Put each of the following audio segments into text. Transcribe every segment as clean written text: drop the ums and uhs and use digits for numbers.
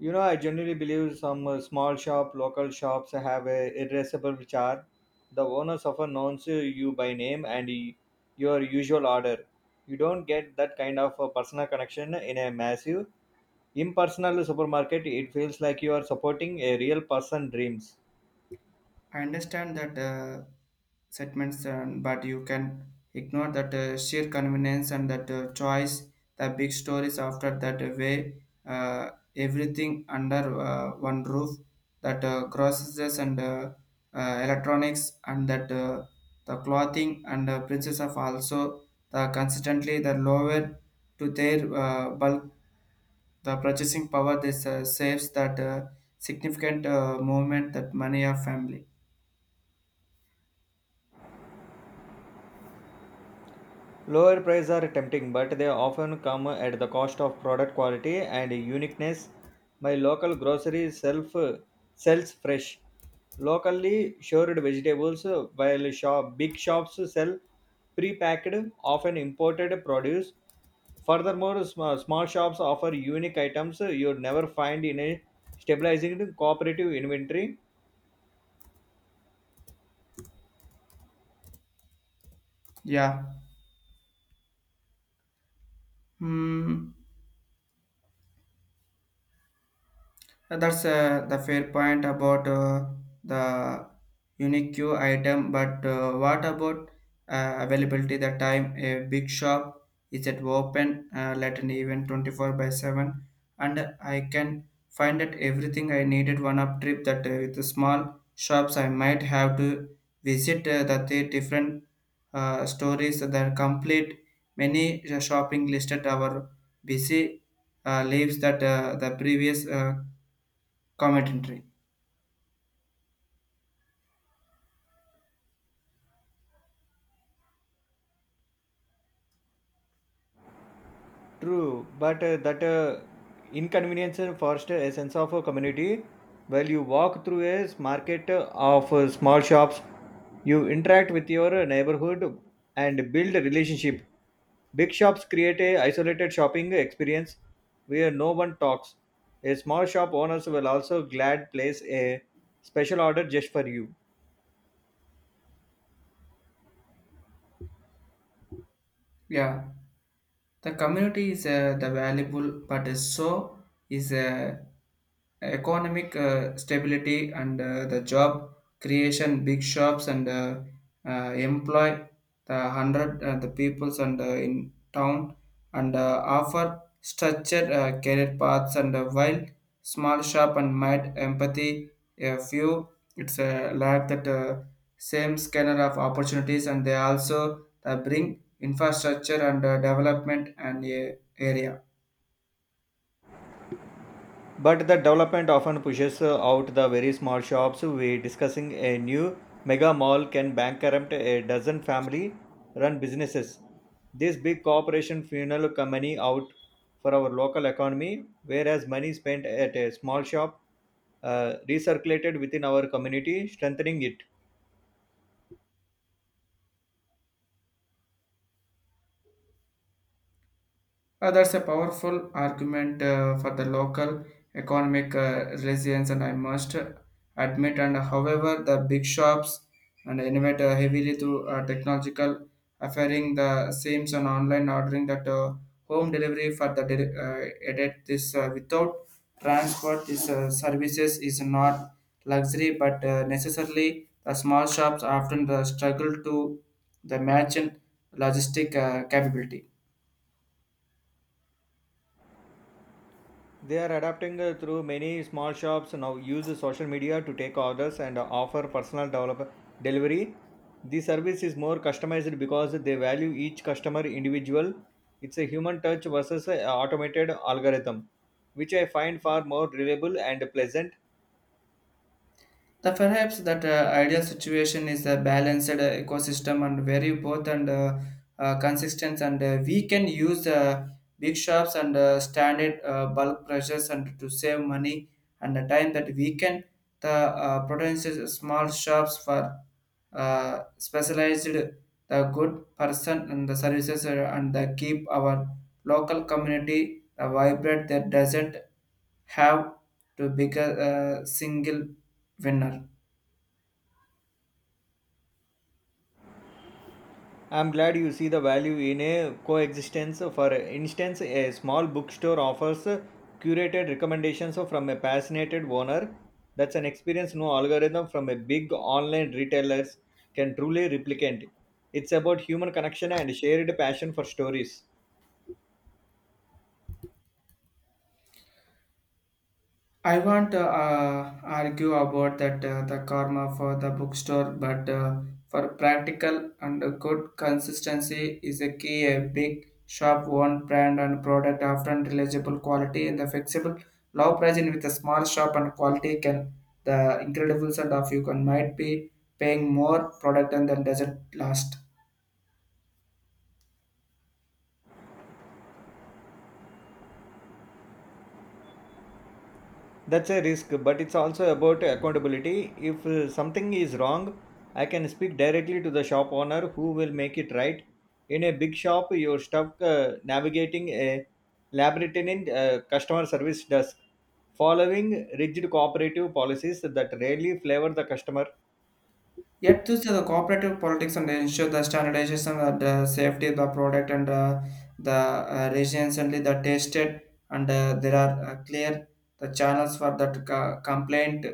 You know, I generally believe some small local shops have a irrepressible charm. The owners often announce you by name and your usual order. You don't get that kind of personal connection in a massive, impersonal supermarket. It feels like you are supporting a real person dreams. I understand that segments, and but you can ignore that sheer convenience and that choice, the big stories after that way, everything under one roof, that groceries and electronics and that the clothing and princess of also the consistently the lower to their bulk the purchasing power this saves that significant movement that money of family. Lower prices are tempting, but they often come at the cost of product quality and uniqueness. My local grocery self sells fresh, locally shored vegetables, while big shops sell pre-packed, often imported produce. Furthermore, small shops offer unique items you'd never find in a stabilizing cooperative inventory. Yeah. 嗯，That's the fair point about the unique queue item, but what about availability? The time a big shop is at open late an even 24 by 7, and I can find that everything I needed one up trip. That with the small shops, I might have to visit the three different stories that are complete. Many shopping listed our busy leaves that the previous. Commentary. True, but that inconvenience foster a sense of a community. While you walk through a market of small shops, you interact with your neighborhood and build a relationship. Big shops create a isolated shopping experience where no one talks. A small shop owners will also glad place a special order just for you. Yeah, the community is the valuable, but is so is economic stability and the job creation. Big shops and employ the hundred the peoples and in town and offer structured career paths and while small shop and might empathy a few it's a lack that same scanner of opportunities and they also bring infrastructure and development and a area. But the development often pushes out the very small shops. We discussing a new mega mall can bankrupt a dozen family-run businesses. This big corporation funnel money out for our local economy, whereas money spent at a small shop recirculated within our community, strengthening it. That's a powerful argument for the local economic resilience, and I must admit. And however, the big shops and innovate heavily through technological, offering the same and online ordering that home delivery for the edit this without transport. This services is not luxury, but necessarily the small shops often the struggle to the merchant logistic capability. They are adapting through many small shops now use social media to take orders and offer delivery. The service is more customized because they value each customer individual. It's a human touch versus an automated algorithm, which I find far more reliable and pleasant. The perhaps that ideal situation is a balanced ecosystem and very both and consistent and we can use big shops and standard bulk pressures and to save money and the time that we can the potential small shops for specialized the good person and the services and the keep our local community vibrant that doesn't have to bigger a single winner. I'm glad you see the value in a coexistence. For instance, a small bookstore offers curated recommendations from a passionate owner. That's an experience no algorithm from a big online retailers can truly replicate. It's about human connection and shared passion for stories. I want to argue about that the karma for the bookstore, but for practical and a good consistency is a key. A big shop, one brand and product often reliable quality and the flexible low pricing with a small shop and quality can the incredible set of you can might be paying more product and then doesn't last. That's a risk, but it's also about accountability. If something is wrong, I can speak directly to the shop owner who will make it right. In a big shop you're stuck navigating a labyrinthine customer service desk following rigid cooperative policies that rarely flavor the customer. Yet, to see the cooperative politics and ensure the standardization of the safety of the product and the recently the tested and there are clear the channels for that complaint.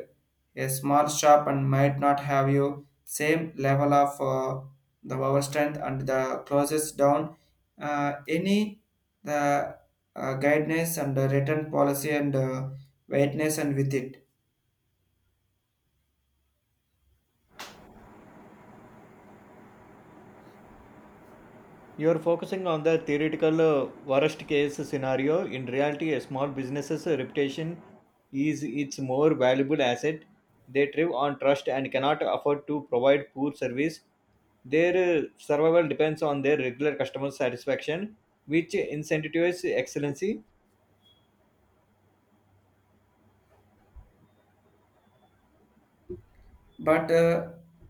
A small shop and might not have you same level of the power strength and the closes down any the guidance and the return policy and weightness and with it. You're focusing on the theoretical worst case scenario. In reality, a small business's reputation is its more valuable asset. They thrive on trust and cannot afford to provide poor service. Their survival depends on their regular customer satisfaction, which incentivizes excellency. But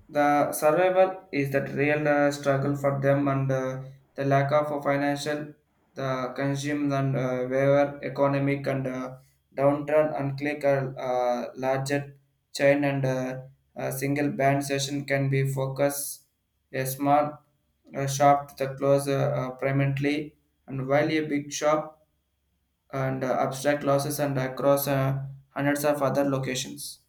the survival is that real struggle for them and the lack of a financial the consume and waiver economic and downturn and click a larger chain and a single band session can be focus a small shop to the close permanently and while a big shop and abstract losses and across hundreds of other locations.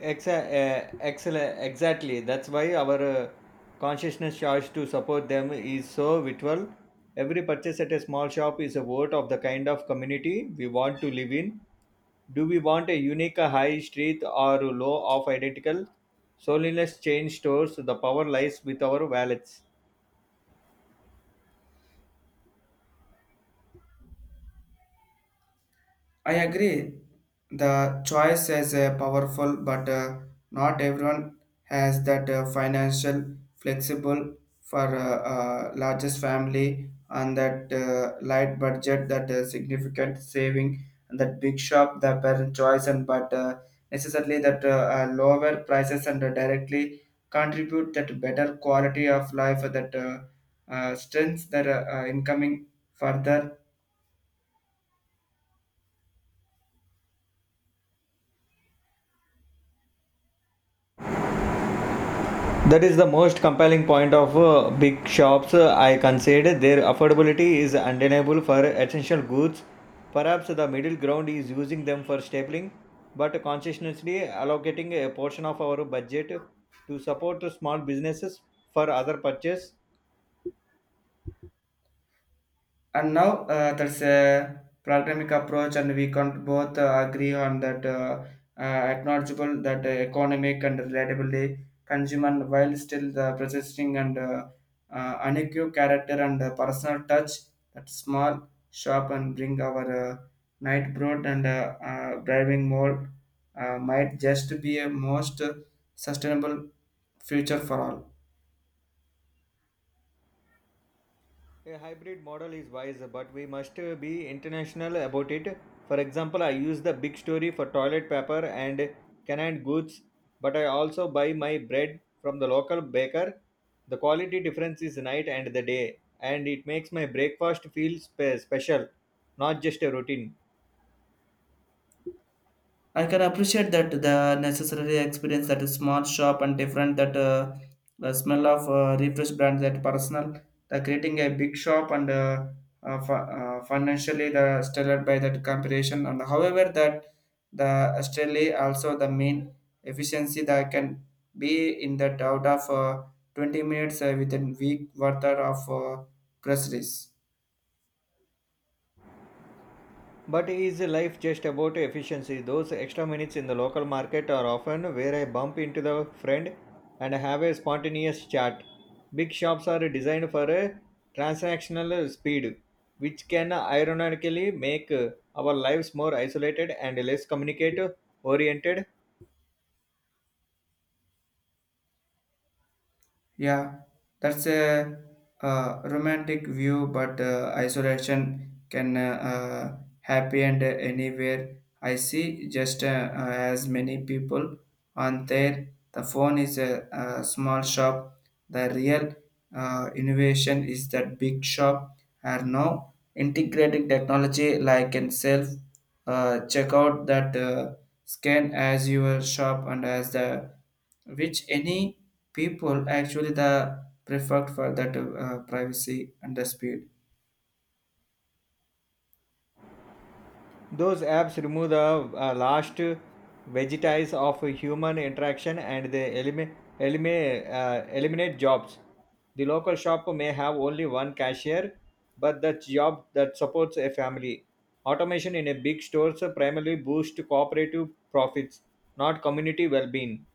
Exactly. That's why our consciousness charge to support them is so vital. Every purchase at a small shop is a vote of the kind of community we want to live in. Do we want a unique high street or low of identical? Soliness change stores. The power lies with our wallets. I agree. The choice is powerful, but not everyone has that financial flexible for largest family and that light budget, that significant saving, and that big shop, the parent choice, and but necessarily that lower prices and directly contribute that better quality of life, that strengths that incoming further That is the most compelling point of big shops. I consider their affordability is undeniable for essential goods. Perhaps the middle ground is using them for stapling, but consciously allocating a portion of our budget to support small businesses for other purchase. and now that's a pragmatic approach and we can both agree on that acknowledgeable that economic and relatability consumer while still the persisting and unequivocal character and personal touch that small shop and bring our night broad and driving mode might just be a most sustainable future for all. A hybrid model is wise, but we must be international about it. For example, I use the big story for toilet paper and canned goods, but I also buy my bread from the local baker. The quality difference is night and the day, and it makes my breakfast feel special, not just a routine. I can appreciate that the necessary experience that a small shop and different that the smell of refresh brand that personal the creating a big shop and uh, fi- financially the stellar by that comparison and however that the Australia also the main efficiency that can be in that out of 20 minutes within week worth of press. But is life just about efficiency? Those extra minutes in the local market are often where I bump into the friend and have a spontaneous chat. Big shops are designed for a transactional speed, which can ironically make our lives more isolated and less communicate oriented. Yeah, that's a, romantic view, but isolation can happen anywhere. I see just as many people on there. The phone is a small shop. The real innovation is that big shop are now integrating technology like in self check out that scan as your shop and as the which any people actually the preferred for that privacy and the speed. Those apps remove the last vestiges of human interaction and they eliminate jobs. The local shop may have only one cashier, but the job that supports a family. Automation in a big stores primarily boosts cooperative profits, not community well-being.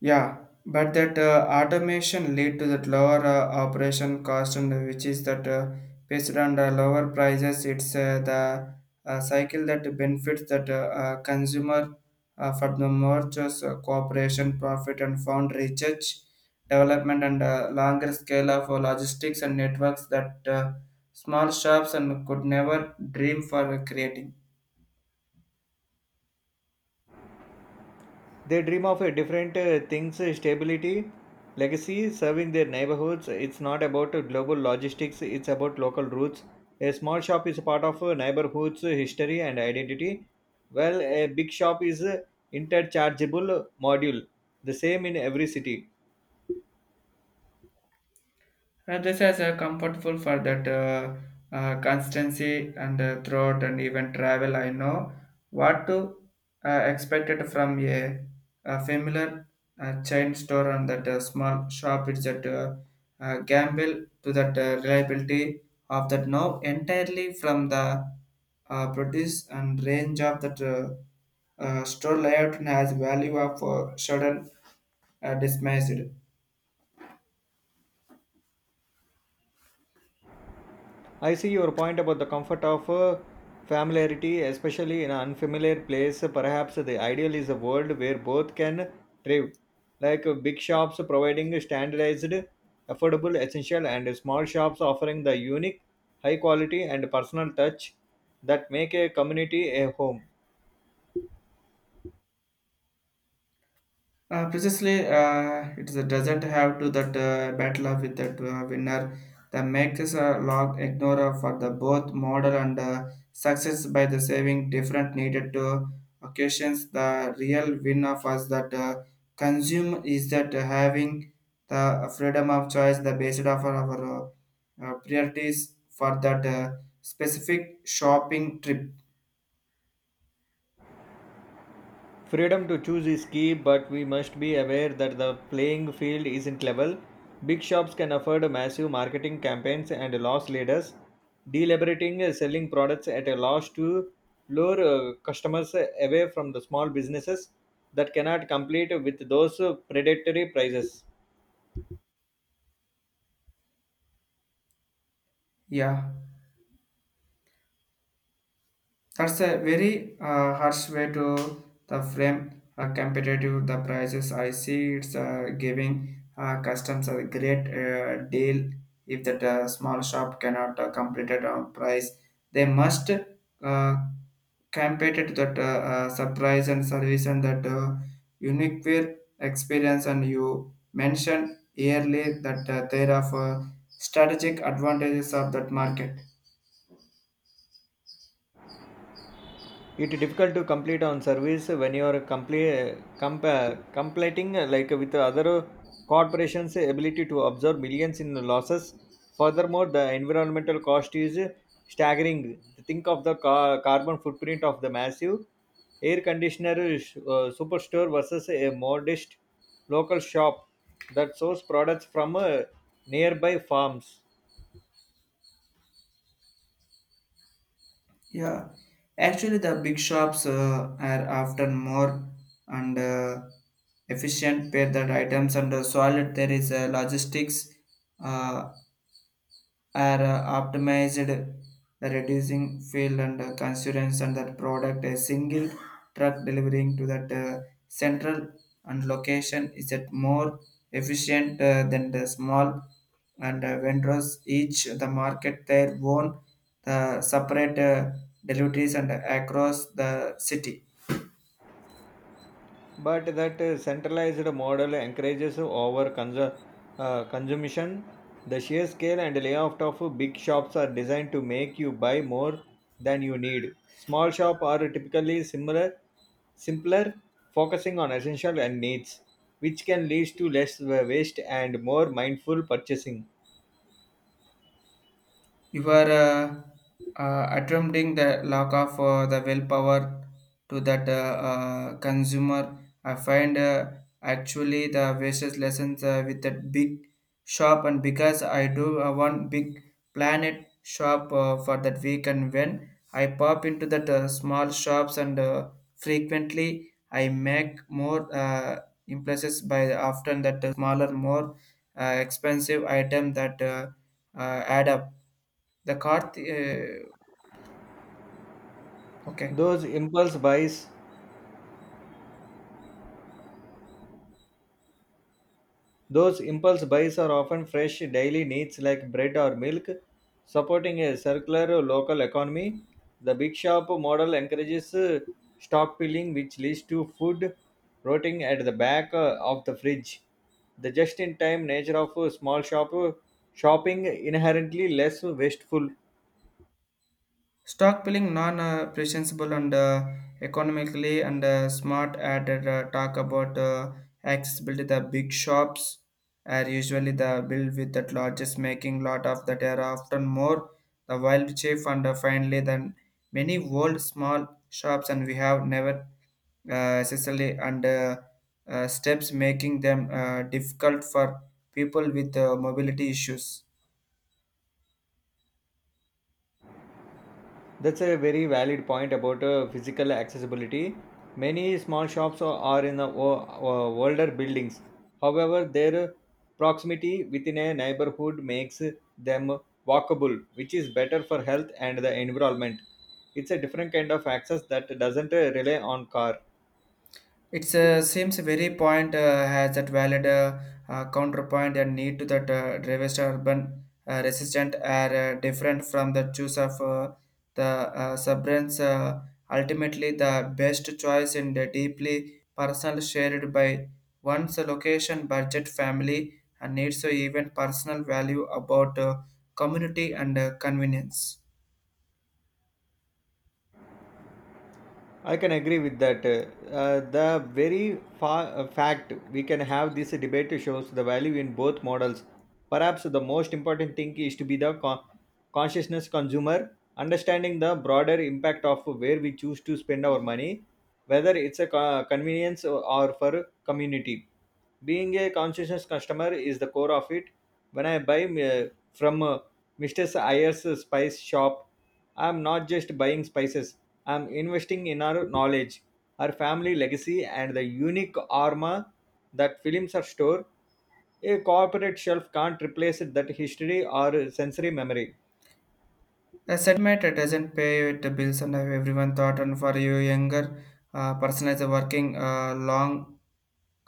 Yeah, but that automation lead to that lower operation cost, and which is that based on the lower prices, it's the cycle that benefits that consumer for the more just cooperation, profit, and found research, development, and longer scale of logistics and networks that small shops and could never dream for creating. They dream of different things, stability, legacy, serving their neighborhoods. It's not about global logistics, it's about local roots. A small shop is a part of a neighborhood's history and identity. Well, a big shop is an interchangeable module, the same in every city. This is comfortable for that constancy and throughout and even travel. I know what to expect it from a familiar chain store and that small shop. It's that gamble to that reliability of that now entirely from the produce and range of that store layout and has value of sudden dismissed. I see your point about the comfort of familiarity, especially in an unfamiliar place. Perhaps the ideal is a world where both can thrive, like big shops providing standardized, affordable, essential, and small shops offering the unique, high quality, and personal touch that make a community a home. Precisely, it doesn't have to that battle of with that winner. The makes a log ignorer for the both model and success by the saving different needed to occasions. The real winner was that consume is that having the freedom of choice, the based of our priorities for that specific shopping trip. Freedom to choose is key, but we must be aware that the playing field isn't level. Big shops can afford massive marketing campaigns and loss leaders, deliberating selling products at a loss to lure customers away from the small businesses that cannot compete with those predatory prices. Yeah. That's a very harsh way to the frame competitive the prices. I see it's giving customers a great deal if that small shop cannot complete it on price. They must uh, compete it that surprise and service and that unique wear experience. And you mentioned earlier that there are strategic advantages of that market. It's difficult to complete on service when you are completing like with other corporations ability to absorb millions in losses. Furthermore, the environmental cost is staggering. Think of the carbon footprint of the massive air conditioner superstore versus a modest local shop that source products from nearby farms. Yeah, actually, the big shops are often more and efficient pair that items and solid. There is logistics. Uh, are optimized the reducing fuel and constituents and that product a single truck delivering to that central and location is that more efficient than the small and vendors each the market their own the separate deliveries and across the city. But that centralized model encourages consumption. The sheer scale and layout of big shops are designed to make you buy more than you need. Small shops are typically similar simpler, focusing on essential and needs, which can lead to less waste and more mindful purchasing. You are attempting the lack of the willpower to that consumer. I find actually the wastes lessons with that big shop, and because I do one big planet shop for that week, and when I pop into that small shops and frequently I make more impulses by often that smaller, more expensive item that. Add up. The cart, okay, those impulse buys Those impulse buys are often fresh daily needs like bread or milk, supporting a circular local economy. The big shop model encourages stockpiling, which leads to food rotting at the back of the fridge. The just in time nature of small shop shopping inherently less wasteful. stockpiling non-presentable and economically and smart added talk about accessibility. The big shops are usually the build with the largest making lot of that are often more the wild chief and finally than many old small shops and we have never accessibly and steps making them difficult for people with mobility issues. That's a very valid point about physical accessibility. Many small shops are in the older buildings. However, their proximity within a neighborhood makes them walkable, which is better for health and the environment. It's a different kind of access that doesn't rely on car. It seems very point has that valid counterpoint and need to that driver's urban resistant are different from the choice of the subrents. Ultimately, the best choice in the deeply personal shared by one's location, budget, family, and needs so even personal value about community and convenience. I can agree with that. The very fact we can have this debate shows the value in both models. Perhaps the most important thing is to be the consciousness consumer, understanding the broader impact of where we choose to spend our money, whether it's a convenience or for community. Being a conscientious customer is the core of it. When I buy from Mr. Iyer's spice shop, I am not just buying spices, I am investing in our knowledge, our family legacy, and the unique aroma that films our store. A corporate shelf can't replace that history or sensory memory. A segment that doesn't pay the bills and everyone thought and for you younger person is working long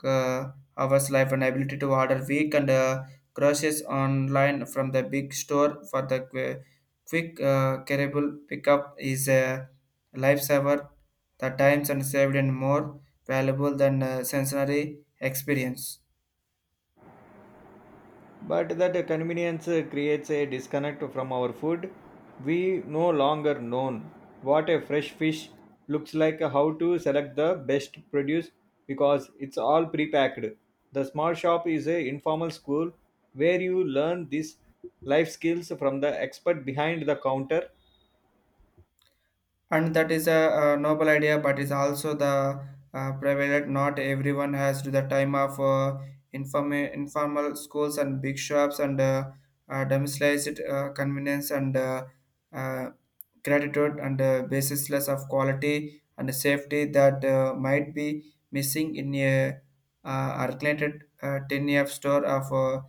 uh, hours life and ability to order weak and groceries online from the big store for the quick carryable pickup is a lifesaver the times and saved and more valuable than sensory experience. But that convenience creates a disconnect from our food. We no longer know what a fresh fish looks like, how to select the best produce because it's all pre-packed. The small shop is a informal school where you learn these life skills from the expert behind the counter. And that is a, noble idea but is also the prevalent not everyone has to the time of informal schools and big shops and domesticized convenience and uh, gratitude and basisless of quality and safety that might be missing in a arculated 10-year store of uh,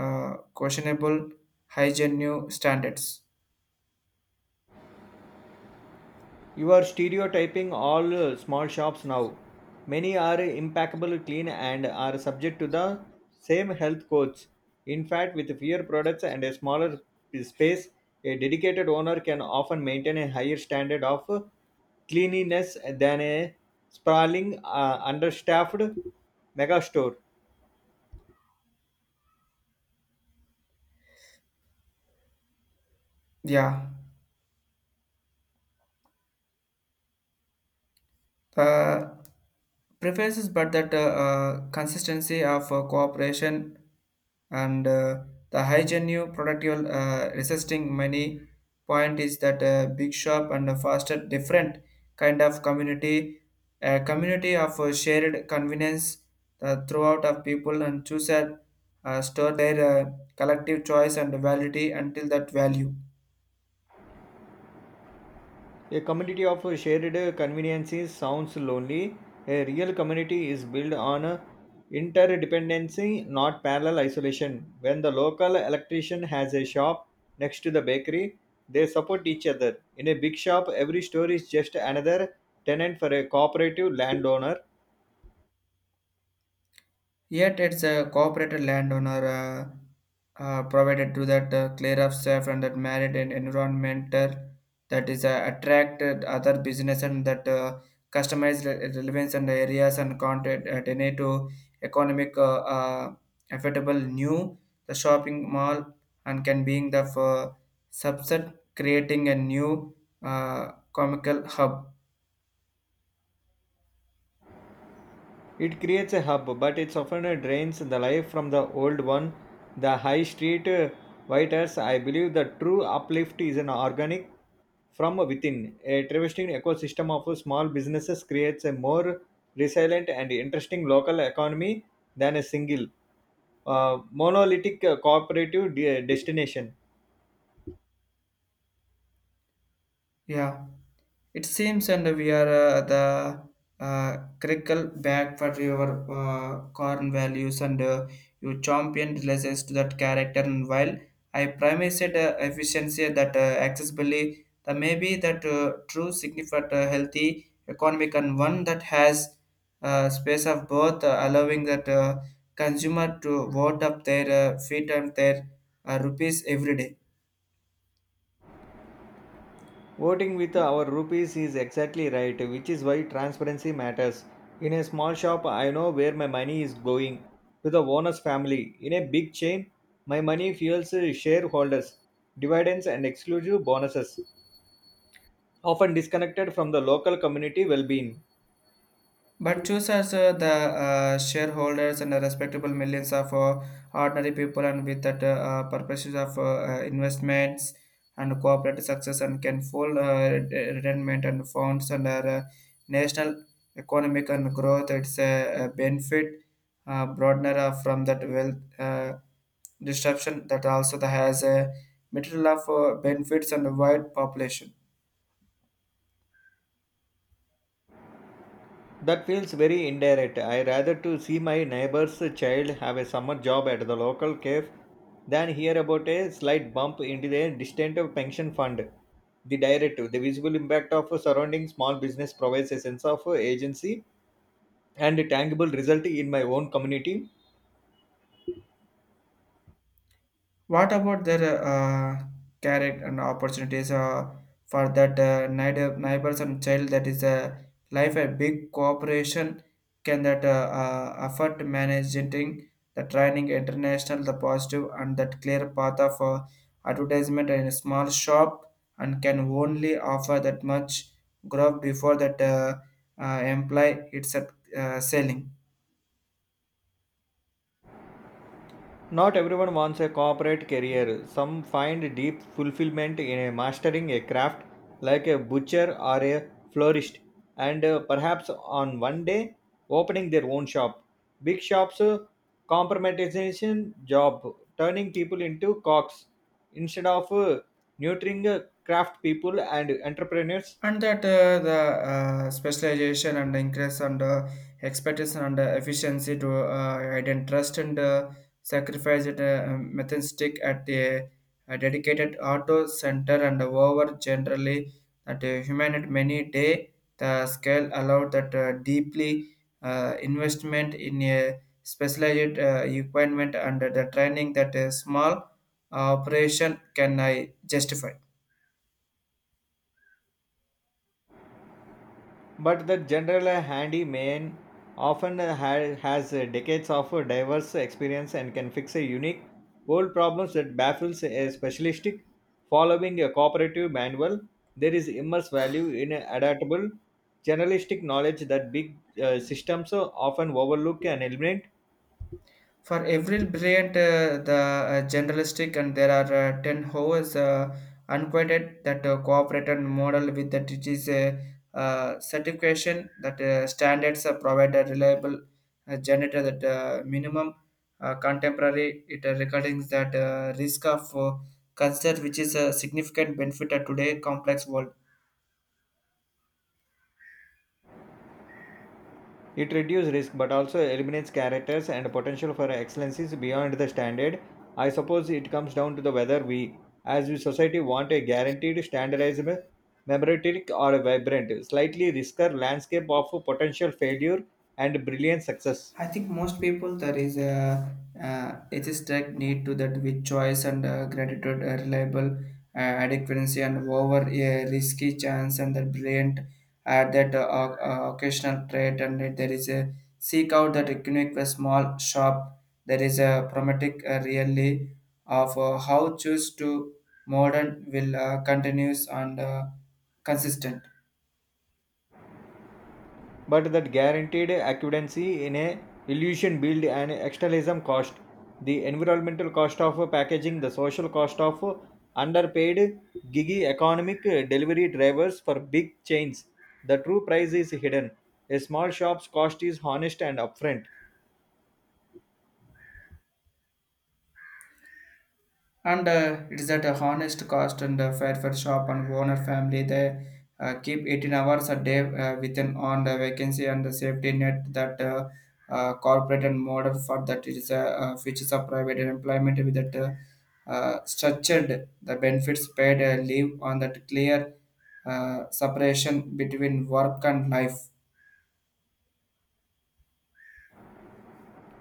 uh, questionable hygiene new standards. You are stereotyping all small shops now. Many are impeccable clean and are subject to the same health codes. In fact, with fewer products and a smaller space, a dedicated owner can often maintain a higher standard of cleanliness than a sprawling, understaffed mega store. Yeah, uh, preferences, but that consistency of cooperation and the high genuine productive resisting many point is that big shop and a faster different kind of community, a community of shared convenience, throughout of people and choose and store their collective choice and validity until that value. A community of shared conveniences sounds lonely. A real community is built on interdependency, not parallel isolation. When the local electrician has a shop next to the bakery, they support each other. In a big shop, every store is just another tenant for a cooperative landowner. Yet it's a cooperated landowner provided to that clear of safe and that married and environmental that is attracted other business and that relevance and areas and content at any to economic affordable new the shopping mall and can being the for subset creating a new comical hub. It creates a hub, but it often drains the life from the old one. The high street writers, I believe the true uplift is an organic from within. A thriving ecosystem of small businesses creates a more resilient and interesting local economy than a single monolithic cooperative destination. Yeah, it seems, and we are the crickle back for your corn values, and you champion relations to that character. And while I promised efficiency that accessibility, the maybe that true significant healthy economic and one that has space of both, allowing that consumer to vote up their feet and their rupees every day. Voting with our rupees is exactly right, which is why transparency matters. In a small shop, I know where my money is going to the owner's family. In a big chain, my money fuels shareholders, dividends, and exclusive bonuses, often disconnected from the local community well being. But choosers, the shareholders, and the respectable millions of ordinary people, and with that purposes of investments and corporate success, and can full retirement and funds and our national economic and growth. It's a benefit broadener of- from that wealth disruption that also the has a material of benefits and a wide population. That feels very indirect. I rather to see my neighbor's child have a summer job at the local cave than hear about a slight bump into the distant pension fund. The directive, the visible impact of surrounding small business provides a sense of agency and a tangible result in my own community. What about their carrot and opportunities for that neighbors and child that is a life a big corporation can that afford managing the training international the positive and that clear path of advertisement in a small shop and can only offer that much growth before that imply it's at selling. Not everyone wants a corporate career. Some find deep fulfillment in mastering a craft like a butcher or a florist, and perhaps on one day opening their own shop. Big shops compromising job, turning people into cocks instead of nurturing craft people and entrepreneurs. And that the specialization and increase and expertise and efficiency to identify trust and sacrifice it methodistic at a dedicated auto center and over generally that human at many day the scale allowed that deeply investment in a specialized equipment and the training that a small operation can I justify. But the general handyman often has decades of diverse experience and can fix a unique old problems that baffles a specialistic following a cooperative manual. There is immense value in adaptable generalistic knowledge that big systems often overlook and eliminate. For Avril Brilliant, the generalistic, and there are 10 hours unquoted that cooperated model with that it is a certification that standards provide a reliable generator that minimum contemporary it recordings that risk of cancer, which is a significant benefit at today complex world. It reduces risk but also eliminates characters and potential for excellences beyond the standard. I suppose it comes down to the whether we, as a society, want a guaranteed, standardized, memoratic, or a vibrant, slightly riskier landscape of potential failure and brilliant success. I think most people there is a it is direct need to that with choice and gratitude, reliable uh, adequacy and over a risky chance and that brilliant at that occasional trait and that there is a seek out that unique a small shop. There is a pragmatic really of how choose to modern will continues and consistent. But that guaranteed accuracy in a illusion build an externalism cost, the environmental cost of packaging, the social cost of underpaid gigi economic delivery drivers for big chains. The true price is hidden. A small shop's cost is honest and upfront. And it is at a honest cost and fair for shop and owner family they keep 18 hours a day within on the vacancy and the safety net that corporate and model for that it is a features of private employment with that structured the benefits paid leave on that clear separation between work and life.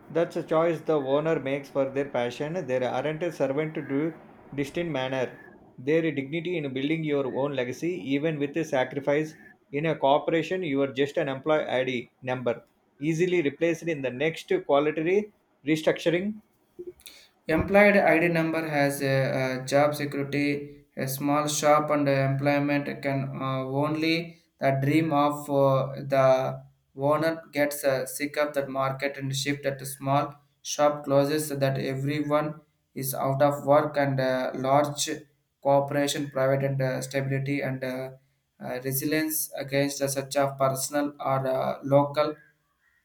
That's a choice the owner makes for their passion. They aren't a servant to distant manner. Their dignity in building your own legacy, even with a sacrifice. In a corporation, you are just an employee ID number, easily replaced in the next quality restructuring. Employed ID number has a, job security, a small shop, and employment can only the dream of the owner gets sick of that market and shift at a small shop closes so that everyone is out of work and large cooperation, private and stability and resilience against such of personal or local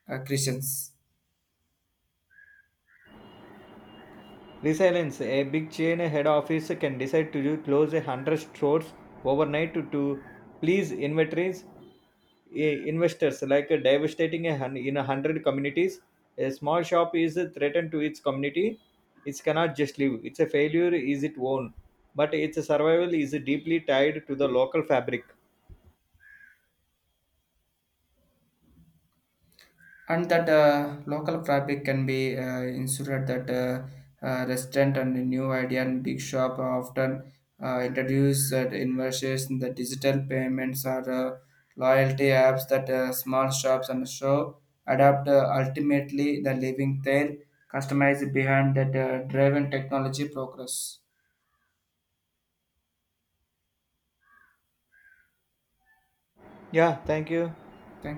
Christians. Resilience. A big chain head office can decide to close 100 stores overnight to please inventories, investors, like devastating a hun- in 100 communities. A small shop is threatened to its community. It cannot just live. Its a failure is its own, but its survival is deeply tied to the local fabric. And that local fabric can be insured that restaurant and the new idea and big shop are often introduce that investors in the digital payments or loyalty apps that small shops and show adapt ultimately the living their customized behind that driven technology progress. Yeah, thank you. Thank